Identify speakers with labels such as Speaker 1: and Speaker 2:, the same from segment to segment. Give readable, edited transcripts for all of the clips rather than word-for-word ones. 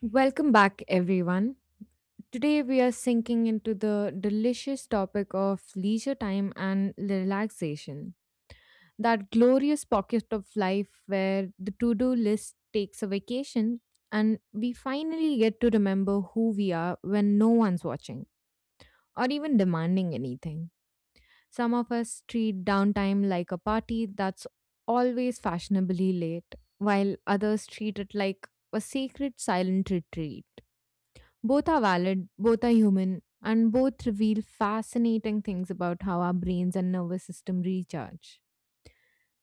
Speaker 1: Welcome back, everyone. Today, we are sinking into the delicious topic of leisure time and relaxation. That glorious pocket of life where the to do list takes a vacation and we finally get to remember who we are when no one's watching or even demanding anything. Some of us treat downtime like a party that's always fashionably late, while others treat it like a sacred silent retreat. Both are valid, both are human, and both reveal fascinating things about how our brains and nervous system recharge.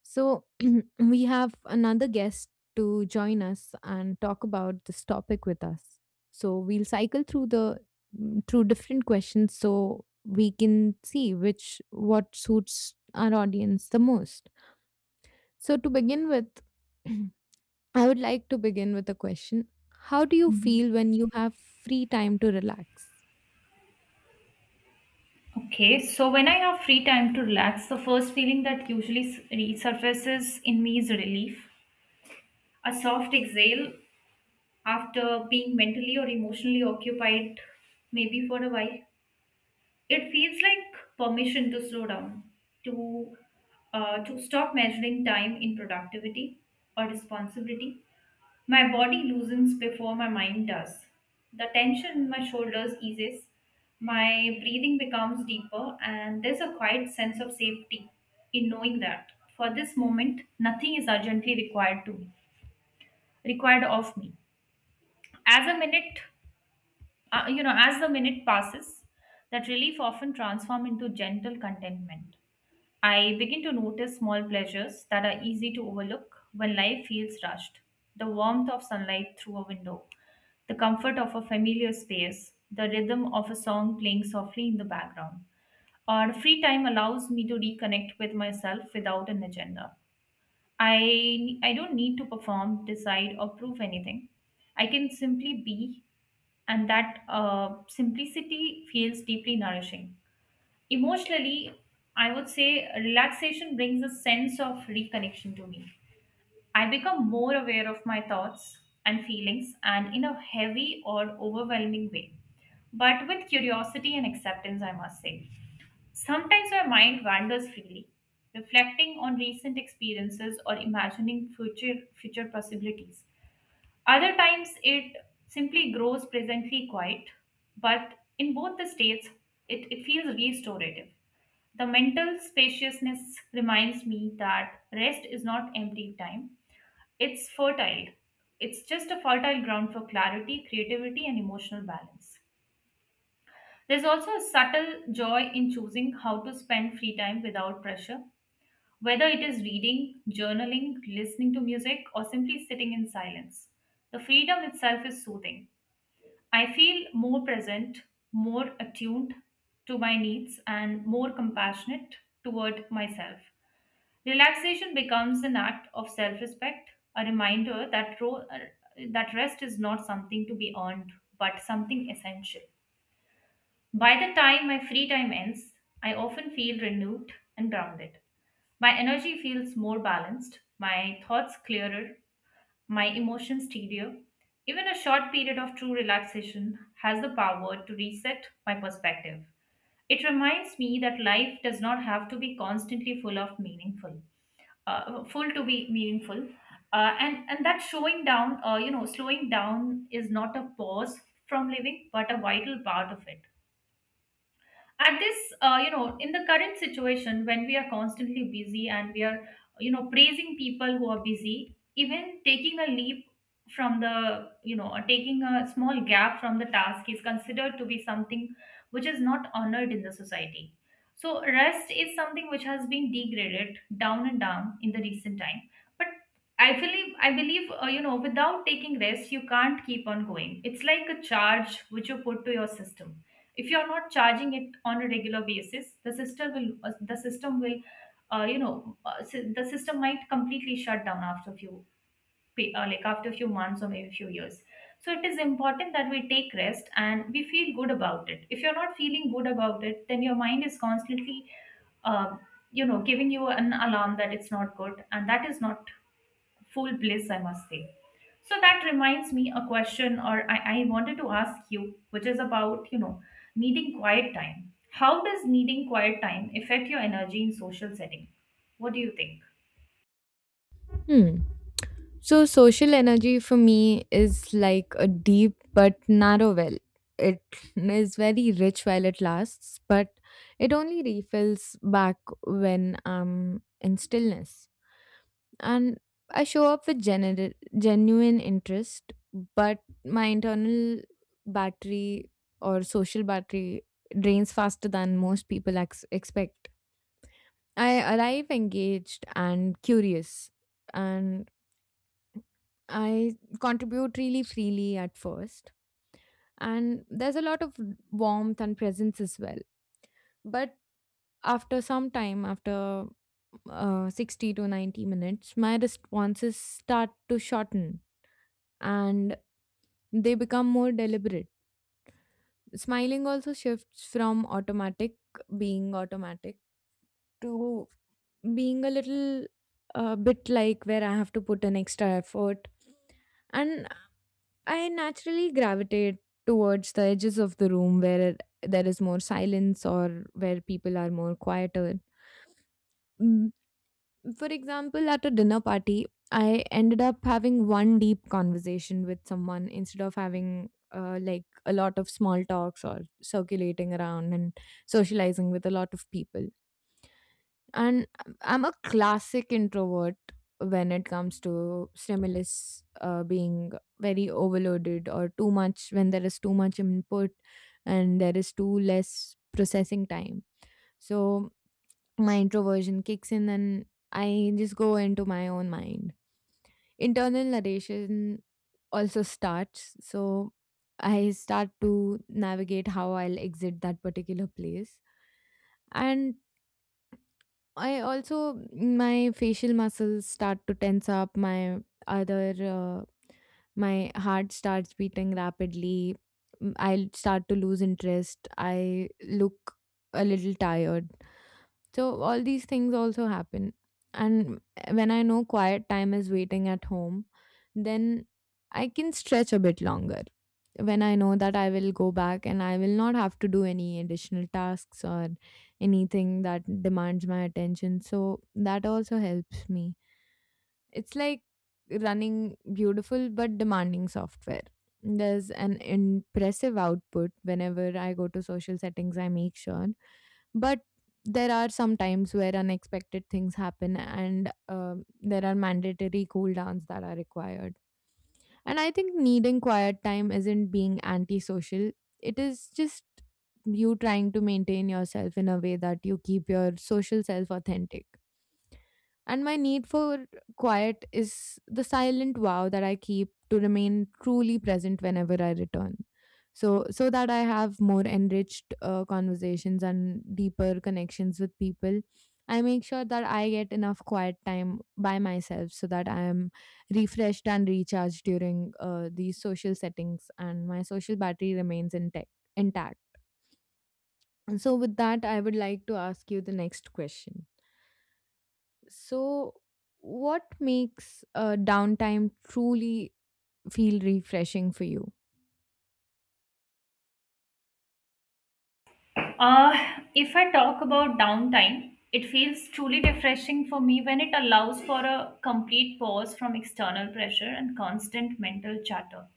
Speaker 1: So, we have another guest to join us and talk about this topic with us. So, we'll cycle through the mm, through different questions so we can see which what suits our audience the most. So, to begin with, I would like to begin with a question. How do you feel when you have free time to relax?
Speaker 2: Okay, so when I have free time to relax, the first feeling that usually resurfaces in me is relief. A soft exhale after being mentally or emotionally occupied, maybe for a while. It feels like permission to slow down, to to stop measuring time in productivity or responsibility. My body loosens before my mind does. The tension in my shoulders eases. My breathing becomes deeper, and there's a quiet sense of safety in knowing that for this moment, nothing is urgently required of me. As a minute, you know, as the minute passes, that relief often transforms into gentle contentment. I begin to notice small pleasures that are easy to overlook when life feels rushed. The warmth of sunlight through a window, the comfort of a familiar space, the rhythm of a song playing softly in the background. Our free time allows me to reconnect with myself without an agenda. I don't need to perform, decide or prove anything. I can simply be, and that simplicity feels deeply nourishing. Emotionally, I would say relaxation brings a sense of reconnection to me. I become more aware of my thoughts and feelings, and in a heavy or overwhelming way, but with curiosity and acceptance, I must say. Sometimes my mind wanders freely, reflecting on recent experiences or imagining future possibilities. Other times it simply grows presently quiet, but in both the states it feels restorative. The mental spaciousness reminds me that rest is not empty time, it's fertile. It's just a fertile ground for clarity, creativity, and emotional balance. There's also a subtle joy in choosing how to spend free time without pressure, whether it is reading, journaling, listening to music, or simply sitting in silence. The freedom itself is soothing. I feel more present, more attuned to my needs, and more compassionate toward myself. Relaxation becomes an act of self respect, a reminder that, that rest is not something to be earned, but something essential. By the time my free time ends, I often feel renewed and grounded. My energy feels more balanced, my thoughts clearer, my emotions steadier. Even a short period of true relaxation has the power to reset my perspective. It reminds me that life does not have to be constantly full to be meaningful, and that showing down you know, slowing down is not a pause from living but a vital part of it. At this, you know, in the current situation when we are constantly busy, and we are, you know, praising people who are busy, even taking a leap from the, you know, or taking a small gap from the task is considered to be something which is not honored in the society. So rest is something which has been degraded down and down in the recent time. But I believe, you know, without taking rest you can't keep on going. It's like a charge which you put to your system. If you're not charging it on a regular basis, the system will, you know, the system might completely shut down after a few like after a few months or maybe a few years. So it is important that we take rest and we feel good about it. If you're not feeling good about it, then your mind is constantly, um, you know, giving you an alarm that it's not good, and that is not full bliss, I must say. So that reminds me a question, or I wanted to ask you, which is about, you know, needing quiet time. How does needing quiet time affect your energy in social setting? What do you think?
Speaker 1: Hmm. So, social energy for me is like a deep but narrow well. It is very rich while it lasts, but it only refills back when I'm in stillness. And I show up with genuine interest, but my internal battery or social battery drains faster than most people expect. I arrive engaged and curious, and I contribute really freely at first, and there's a lot of warmth and presence as well. But after some time, after 60 to 90 minutes, my responses start to shorten and they become more deliberate. Smiling also shifts from automatic, being automatic, to being a little bit like where I have to put an extra effort. And I naturally gravitate towards the edges of the room where there is more silence or where people are more quieter. Mm, for example, at a dinner party, I ended up having one deep conversation with someone instead of having like a lot of small talks or circulating around and socializing with a lot of people. And I'm a classic introvert when it comes to stimulus, being very overloaded or too much when there is too much input and there is too less processing time. So my introversion kicks in and I just go into my own mind. Internal narration also starts, so I start to navigate how I'll exit that particular place. And I also, my facial muscles start to tense up. My other my heart starts beating rapidly. I'll start to lose interest. I look a little tired. So all these things also happen. And when I know quiet time is waiting at home, then I can stretch a bit longer. When I know that I will go back and I will not have to do any additional tasks or anything that demands my attention. So that also helps me. It's like running beautiful but demanding software. There's an impressive output whenever I go to social settings, I make sure, but there are some times where unexpected things happen and there are mandatory cool downs that are required. And I think needing quiet time isn't being antisocial, it is just you trying to maintain yourself in a way that you keep your social self authentic. And my need for quiet is the silent vow that I keep to remain truly present whenever I return. So, so that I have more enriched conversations and deeper connections with people, I make sure that I get enough quiet time by myself so that I am refreshed and recharged during these social settings and my social battery remains intact. And so, with that, I would like to ask you the next question. So, what makes downtime truly feel refreshing for you?
Speaker 2: Uh, if I talk about downtime, it feels truly refreshing for me when it allows for a complete pause from external pressure and constant mental chatter.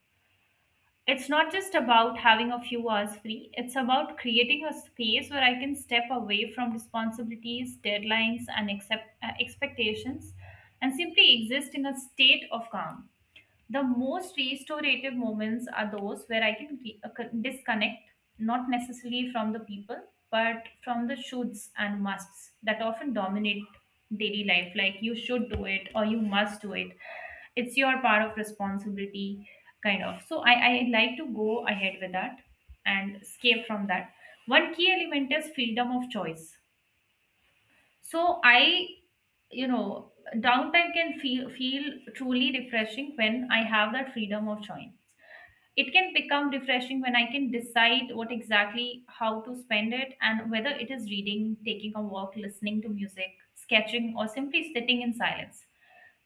Speaker 2: It's not just about having a few hours free, it's about creating a space where I can step away from responsibilities, deadlines, and accept, expectations and simply exist in a state of calm. The most restorative moments are those where I can disconnect, not necessarily from the people, but from the shoulds and musts that often dominate daily life. Like you should do it or you must do it. It's your part of responsibility, kind of. So I like to go ahead with that and escape from that. One key element is freedom of choice. So I, you know, downtime can feel truly refreshing when I have that freedom of choice. It can become refreshing when I can decide what exactly, how to spend it, and whether it is reading, taking a walk, listening to music, sketching, or simply sitting in silence.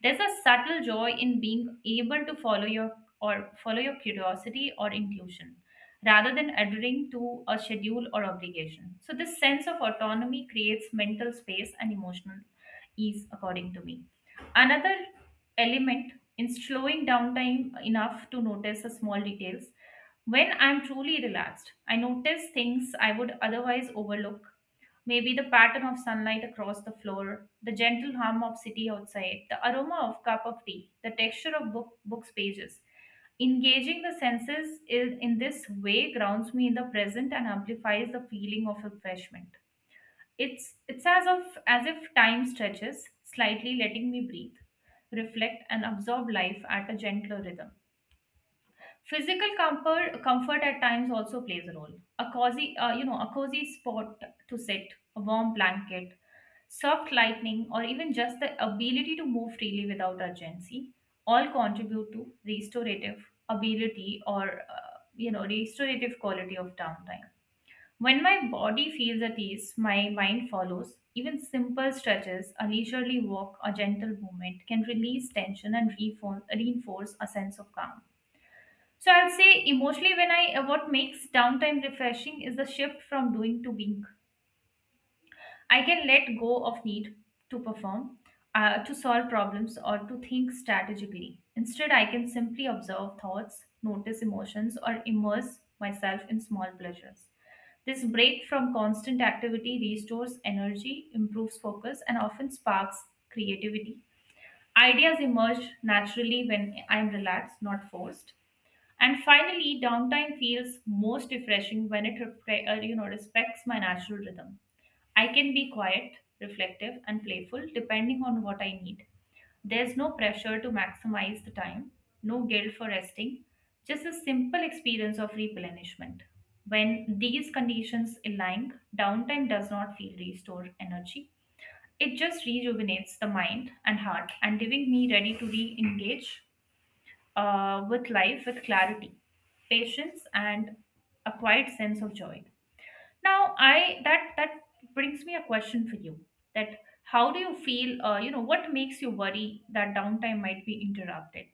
Speaker 2: There's a subtle joy in being able to follow your curiosity or intuition rather than adhering to a schedule or obligation. So this sense of autonomy creates mental space and emotional ease according to me. Another element in slowing down time enough to notice the small details. When I'm truly relaxed, I notice things I would otherwise overlook. Maybe the pattern of sunlight across the floor, the gentle hum of city outside, the aroma of cup of tea, the texture of book's pages. Engaging the senses in this way grounds me in the present and amplifies the feeling of refreshment. It's as of as if time stretches, slightly letting me breathe, reflect and absorb life at a gentler rhythm. Physical comfort at times also plays a role. A cozy, you know, a cozy spot to sit, a warm blanket, soft lighting, or even just the ability to move freely without urgency, all contribute to restorative ability, or you know, restorative quality of downtime. When my body feels at ease, my mind follows. Even simple stretches, a leisurely walk, a gentle movement can release tension and reinforce a sense of calm. So I'll say emotionally, when I what makes downtime refreshing is the shift from doing to being. I can let go of need to perform, to solve problems or to think strategically. Instead, I can simply observe thoughts, notice emotions or immerse myself in small pleasures. This break from constant activity restores energy, improves focus and often sparks creativity. Ideas emerge naturally when I'm relaxed, not forced. And finally, downtime feels most refreshing when it you know, respects my natural rhythm. I can be quiet, reflective, and playful depending on what I need. There's no pressure to maximize the time, no guilt for resting, just a simple experience of replenishment. When these conditions align, downtime does not feel restore energy. It just rejuvenates the mind and heart and leaving me ready to re engage with life with clarity, patience, and a quiet sense of joy. Now, I that that brings me a question for you. That how do you feel? You know, what makes you worry that downtime might be interrupted?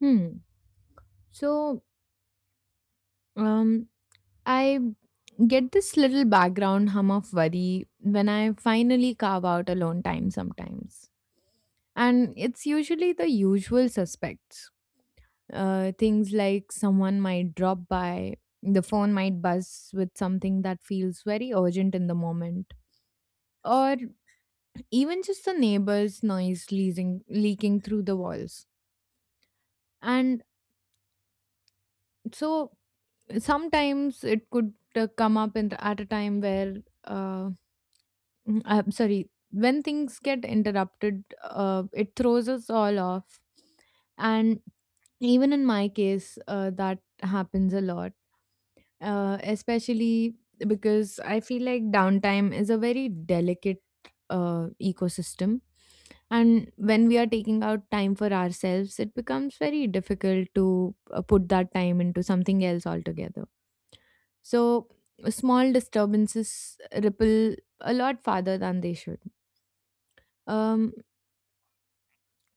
Speaker 1: Hmm. So, um, I get this little background hum of worry when I finally carve out alone time sometimes. And it's usually the usual suspects. Things like someone might drop by, the phone might buzz with something that feels very urgent in the moment, or even just the neighbors' noise leaking through the walls. And so sometimes it could come up in, at a time where, uh, I'm sorry, when things get interrupted, it throws us all off. And even in my case, that happens a lot, especially because I feel like downtime is a very delicate ecosystem. And when we are taking out time for ourselves, it becomes very difficult to put that time into something else altogether. So, small disturbances ripple a lot farther than they should. Um,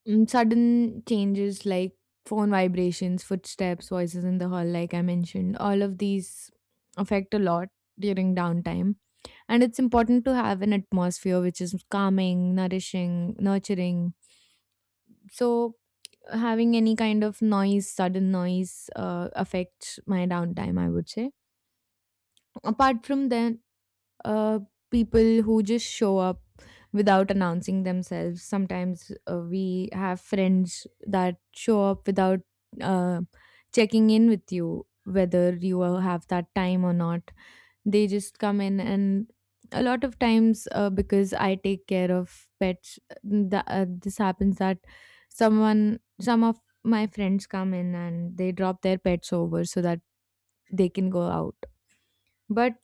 Speaker 1: Sudden changes like phone vibrations, footsteps, voices in the hall, like I mentioned, all of these affect a lot during downtime. And it's important to have an atmosphere which is calming, nourishing, nurturing. So having any kind of noise, sudden noise, affects my downtime, I would say. Apart from that, uh, people who just show up without announcing themselves. Sometimes we have friends that show up without uh, checking in with you whether you have that time or not. They just come in, and a lot of times, because I take care of pets, this happens that someone, some of my friends come in and they drop their pets over so that they can go out. But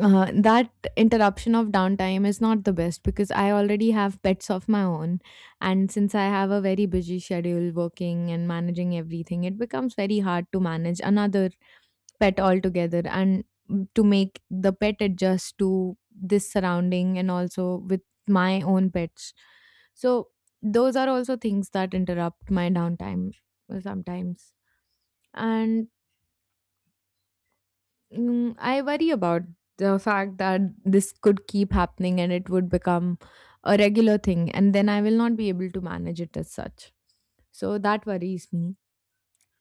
Speaker 1: that interruption of downtime is not the best because I already have pets of my own. And since I have a very busy schedule working and managing everything, it becomes very hard to manage another pet altogether and to make the pet adjust to this surrounding and also with my own pets. So those are also things that interrupt my downtime sometimes. And I worry about the fact that this could keep happening and it would become a regular thing and then I will not be able to manage it as such. So that worries me.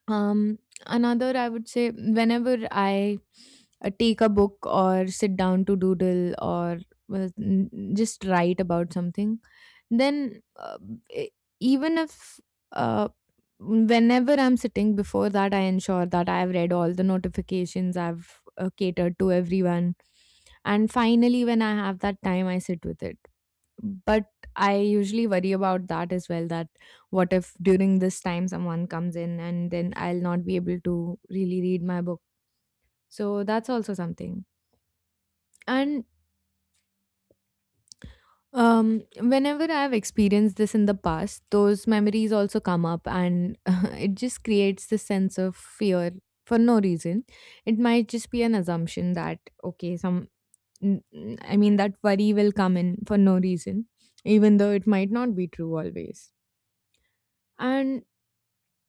Speaker 1: Um, Another, I would say, whenever I take a book or sit down to doodle or uh, n- just write about something, then e- even if, uh, whenever I'm sitting before that, I ensure that I've read all the notifications, I've catered to everyone. And finally, when I have that time, I sit with it, but I usually worry about that as well, that what if during this time someone comes in and then I'll not be able to really read my book. So that's also something. And whenever I've experienced this in the past, those memories also come up and it just creates this sense of fear for no reason. It might just be an assumption that, okay, I mean, that worry will come in for no reason, even though it might not be true always. And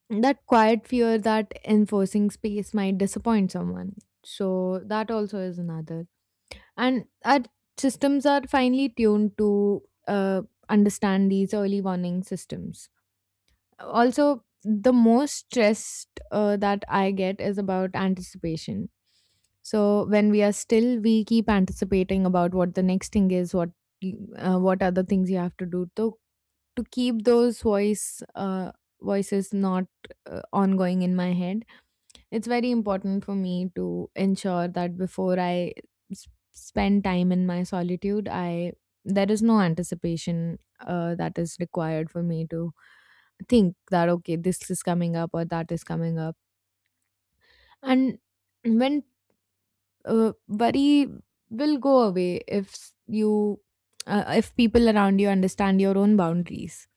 Speaker 1: that quiet fear that enforcing space might disappoint someone. So that also is another. And our systems are finely tuned to uh, understand these early warning systems. Also, the most stressed that I get is about anticipation. So when we are still, we keep anticipating about what the next thing is, what what other things you have to do, to keep those voices not ongoing in my head. It's very important for me to ensure that before I s- spend time in my solitude, I there is no anticipation that is required for me to think that, okay, this is coming up or that is coming up. And when, worry will go away if, you, if people around you understand your own boundaries.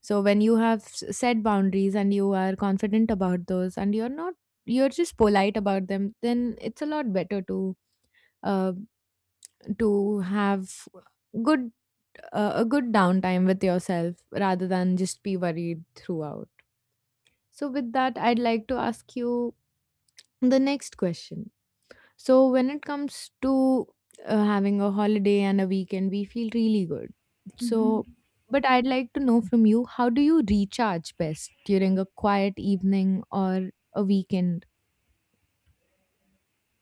Speaker 1: So when you have set boundaries and you are confident about those and you're not you're just polite about them, then it's a lot better to, uh, to have good, a good downtime with yourself rather than just be worried throughout. So with that, I'd like to ask you the next question. So when it comes to having a holiday and a weekend, we feel really good. So,
Speaker 2: Hmm.
Speaker 1: but I'd like to know from you, how do you recharge best during a quiet evening or a weekend?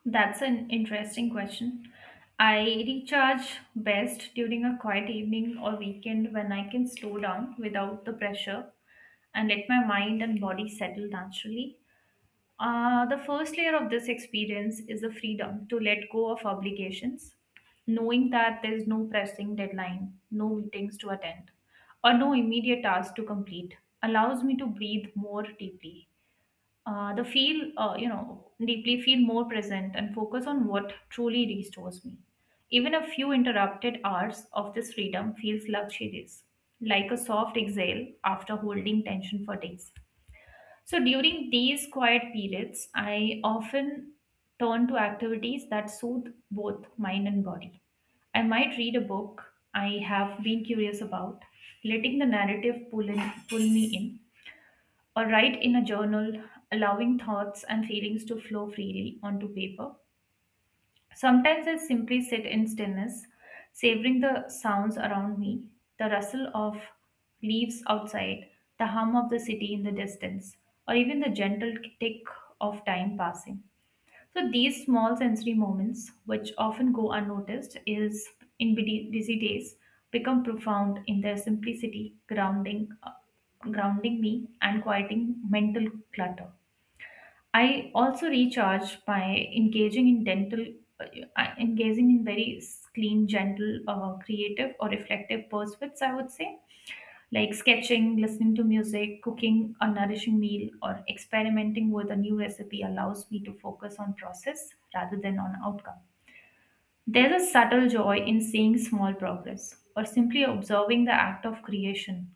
Speaker 2: That's an interesting question. I recharge best during a quiet evening or weekend when I can slow down without the pressure and let my mind and body settle naturally. The first layer of this experience is the freedom to let go of obligations, knowing that there is no pressing deadline, no meetings to attend, or no immediate task to complete, allows me to breathe more deeply. You know, deeply feel more present and focus on what truly restores me. Even a few interrupted hours of this freedom feels luxurious, like a soft exhale after holding tension for days. So during these quiet periods, I often turn to activities that soothe both mind and body. I might read a book I have been curious about, letting the narrative pull, in, pull me in, or write in a journal, allowing thoughts and feelings to flow freely onto paper. Sometimes I simply sit in stillness, savoring the sounds around me, the rustle of leaves outside, the hum of the city in the distance, or even the gentle tick of time passing. So these small sensory moments, which often go unnoticed, is in busy days, become profound in their simplicity, grounding me and quieting mental clutter. I also recharge by uh, engaging in very clean, gentle, creative, or reflective pursuits, I would say, like sketching, listening to music, cooking a nourishing meal, or experimenting with a new recipe allows me to focus on process rather than on outcome. There's a subtle joy in seeing small progress or simply observing the act of creation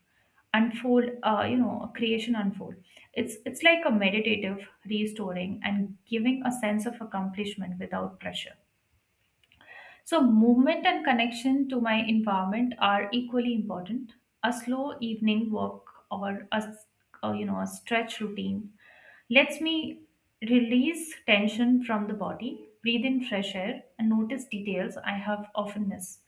Speaker 2: unfold, you know, creation unfold. It's like a meditative restoring and giving a sense of accomplishment without pressure. So, movement and connection to my environment are equally important. A slow evening walk or a, s- or, you know a stretch routine lets me release tension from the body, breathe in fresh air, and notice details I have often missed.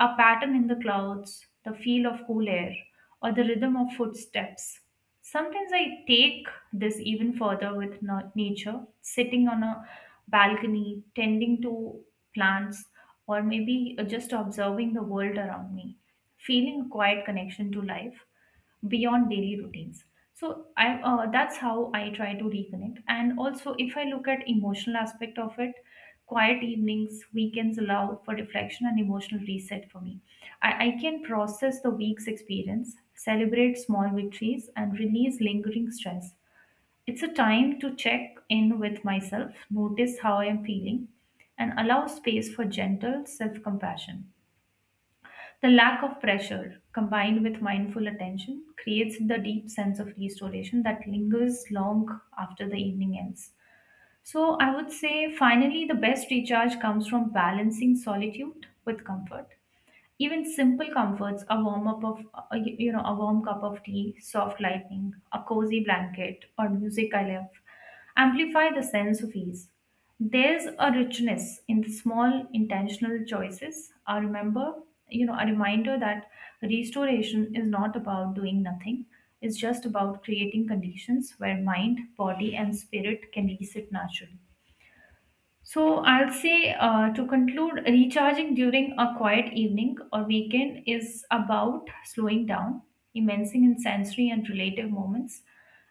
Speaker 2: A pattern in the clouds, the feel of cool air, or the rhythm of footsteps. Sometimes I take this even further with nature, sitting on a balcony, tending to plants, or maybe just observing the world around me, feeling a quiet connection to life beyond daily routines. So I that's how I try to reconnect. And also, if I look at emotional aspect of it, quiet evenings weekends allow for reflection and emotional reset for me. I can process the week's experience, celebrate small victories, and release lingering stress. It's a time to check in with myself, notice how I am feeling, and allow space for gentle self compassion. The lack of pressure, combined with mindful attention, creates the deep sense of restoration that lingers long after the evening ends. So, I would say finally, the best recharge comes from balancing solitude with comfort. Even simple comforts, a warm cup of tea, soft lighting, a cozy blanket, or music I love, amplify the sense of ease. There's a richness in the small intentional choices I remember, a reminder that restoration is not about doing nothing. It's just about creating conditions where mind, body, and spirit can reset naturally. So I'll say, to conclude, recharging during a quiet evening or weekend is about slowing down, immersing in sensory and relative moments,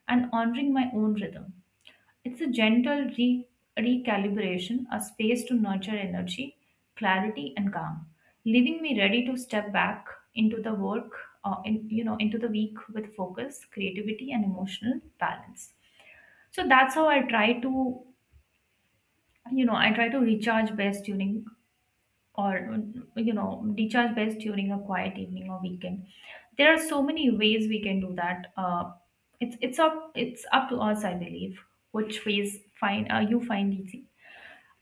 Speaker 2: and honoring my own rhythm. It's a gentle recalibration, a space to nurture energy, clarity, and calm, leaving me ready to step back into the work, into the week with focus, creativity, and emotional balance. So that's how I try to, you know I try to recharge best during, or you know recharge best during a quiet evening or weekend. There are so many ways we can do that. It's up to us, I believe, which ways find you find easy.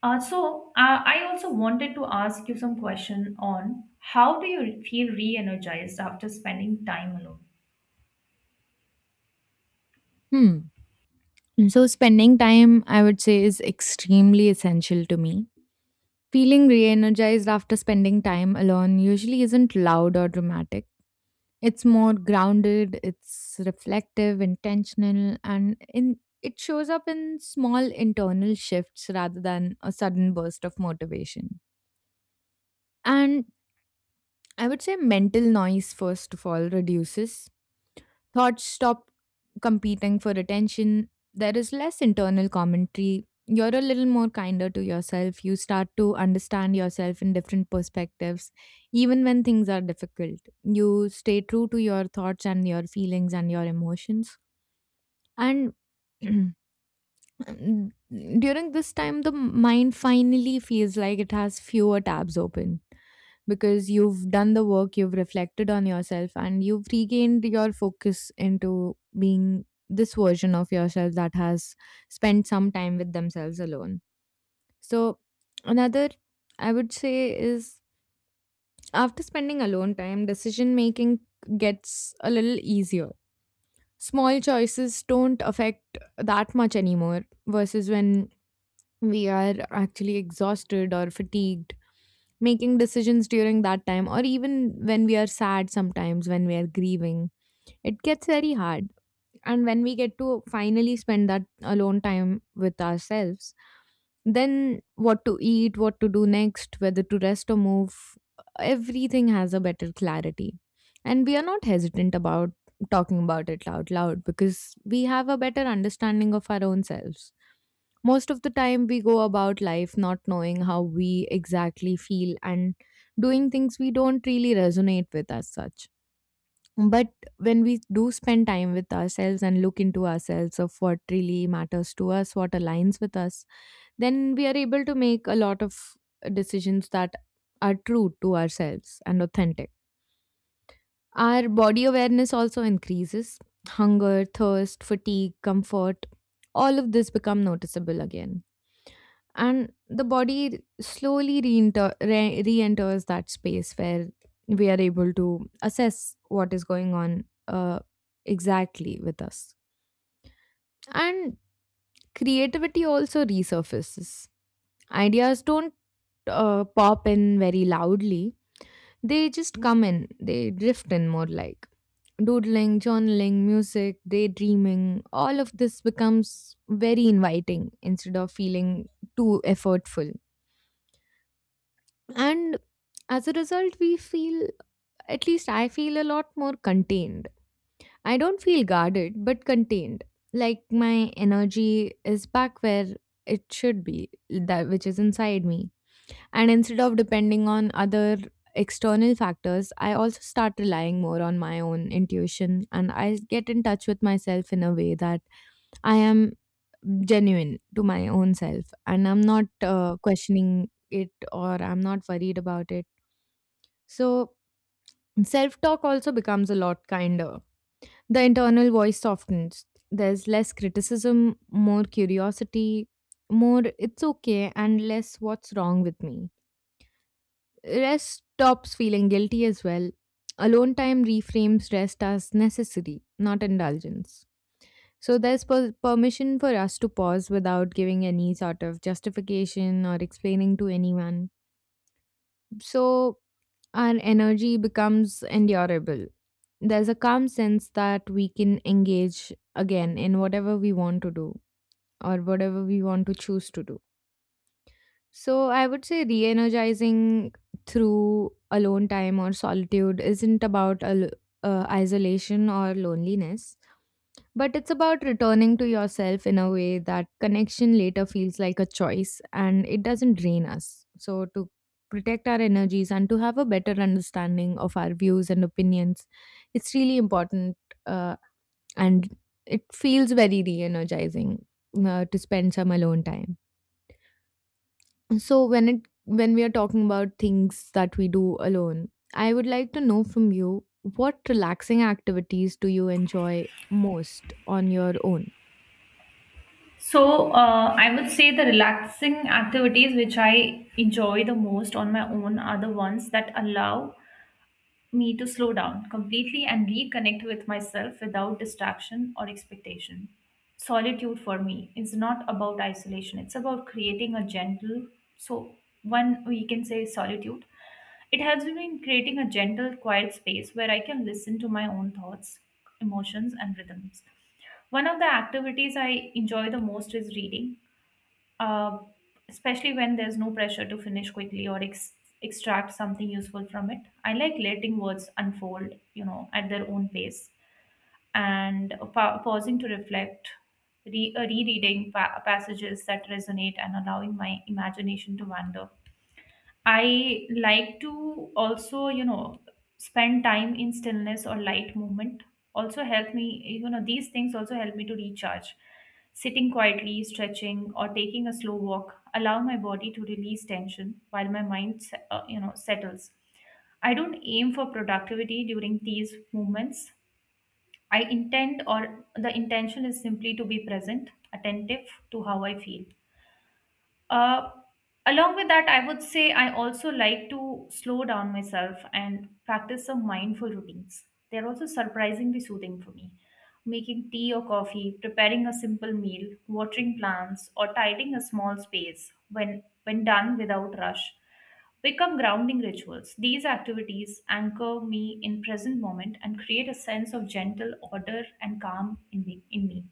Speaker 2: I also wanted to ask you some question on, how do you feel re-energized after spending time alone?
Speaker 1: Hmm. So, spending time, I would say, is extremely essential to me. Feeling re energized after spending time alone usually isn't loud or dramatic. It's more grounded, it's reflective, intentional, and in it shows up in small internal shifts rather than a sudden burst of motivation. And I would say mental noise, first of all, reduces. Thoughts stop competing for attention. There is less internal commentary. You're a little more kinder to yourself. You start to understand yourself in different perspectives, even when things are difficult. You stay true to your thoughts and your feelings and your emotions. And And during this time, the mind finally feels like it has fewer tabs open because you've done the work, you've reflected on yourself, and you've regained your focus into being this version of yourself that has spent some time with themselves alone. So, another I would say is, after spending alone time, decision making gets a little easier. Small choices don't affect that much anymore versus when we are actually exhausted or fatigued making decisions during that time, or even when we are sad, sometimes when we are grieving, it gets very hard. And when we get to finally spend that alone time with ourselves, then what to eat, what to do next, whether to rest or move, everything has a better clarity, and we are not hesitant about talking about it out loud because we have a better understanding of our own selves. Most of the time, we go about life not knowing how we exactly feel and doing things we don't really resonate with as such. But when we do spend time with ourselves and look into ourselves of what really matters to us, what aligns with us, then we are able to make a lot of decisions that are true to ourselves and authentic. Our body awareness also increases. Hunger, thirst, fatigue, comfort, all of this become noticeable again, and the body slowly re-enters that space where we are able to assess what is going on, exactly with us. And creativity also resurfaces. Ideas don't pop in very loudly, they just come in, they drift in. More like doodling, journaling, music, daydreaming, all of this becomes very inviting instead of feeling too effortful. And as a result, we feel, at least I feel, a lot more contained. I don't feel guarded, but contained. Like my energy is back where it should be, that which is inside me. And instead of depending on other external factors, I also start relying more on my own intuition, and I get in touch with myself in a way that I am genuine to my own self and I'm not questioning it or I'm not worried about it. So self talk also becomes a lot kinder. The internal voice softens. There's less criticism, more curiosity, more it's okay, and less what's wrong with me. Rest stops feeling guilty as well. Alone time reframes rest as necessary, not indulgence. So there's permission for us to pause without giving any sort of justification or explaining to anyone. So our energy becomes endurable. There's a calm sense that we can engage again in whatever we want to do or whatever we want to choose to do. So, I would say re energizing through alone time or solitude isn't about isolation or loneliness. But it's about returning to yourself in a way that connection later feels like a choice and it doesn't drain us. So, to protect our energies and to have a better understanding of our views and opinions, it's really important, uh, and it feels very re energizing to spend some alone time. So, when we are talking about things that we do alone, I would like to know from you, what relaxing activities do you enjoy most on your own?
Speaker 2: So, I would say the relaxing activities which I enjoy the most on my own are the ones that allow me to slow down completely and reconnect with myself without distraction or expectation. Solitude for me is not about isolation, it's about creating a gentle, so one we can say solitude. It helps me in creating a gentle, quiet space where I can listen to my own thoughts, emotions, and rhythms. One of the activities I enjoy the most is reading, uh, especially when there's no pressure to finish quickly or extract something useful from it. I like letting words unfold, you know, at their own pace, and pausing to reflect, rereading passages that resonate, and allowing my imagination to wander. I like to also, you know, spend time in stillness or light movement. Also help me, you know, these things also help me to recharge. Sitting quietly, stretching, or taking a slow walk allow my body to release tension while my mind, settles. I don't aim for productivity during these movements. I intend, or the intention is simply to be present, attentive to how I feel. Uh, Along with that, I would say I also like to slow down myself and practice some mindful routines. They're also surprisingly soothing for me. Making tea or coffee, preparing a simple meal, watering plants, or tidying a small space, when done without rush, become grounding rituals. These activities anchor me in present moment and create a sense of gentle order and calm in me. In me.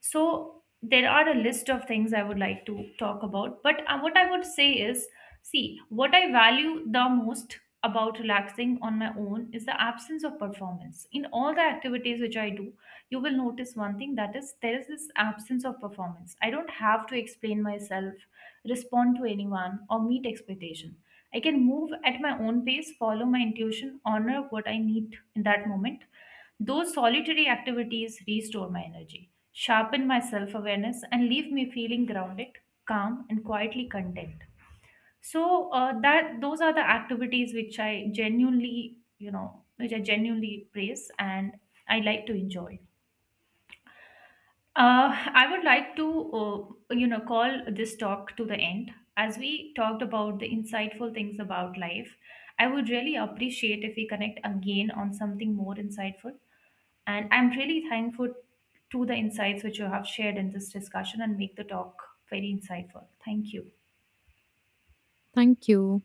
Speaker 2: So there are a list of things I would like to talk about, but what I would say is, see, what I value the most about relaxing on my own is the absence of performance. In all the activities which I do, you will notice one thing, that is, there is this absence of performance. I don't have to explain myself, respond to anyone, or meet expectation. I can move at my own pace, follow my intuition, honor what I need in that moment. Those solitary activities restore my energy, sharpen my self awareness, and leave me feeling grounded, calm, and quietly content. So that those are the activities which I genuinely, you know, which I genuinely praise and I like to enjoy. I would like to, call this talk to the end. As we talked about the insightful things about life, I would really appreciate if we connect again on something more insightful. And I'm really thankful to the insights which you have shared in this discussion and make the talk very insightful. Thank you.
Speaker 1: Thank you.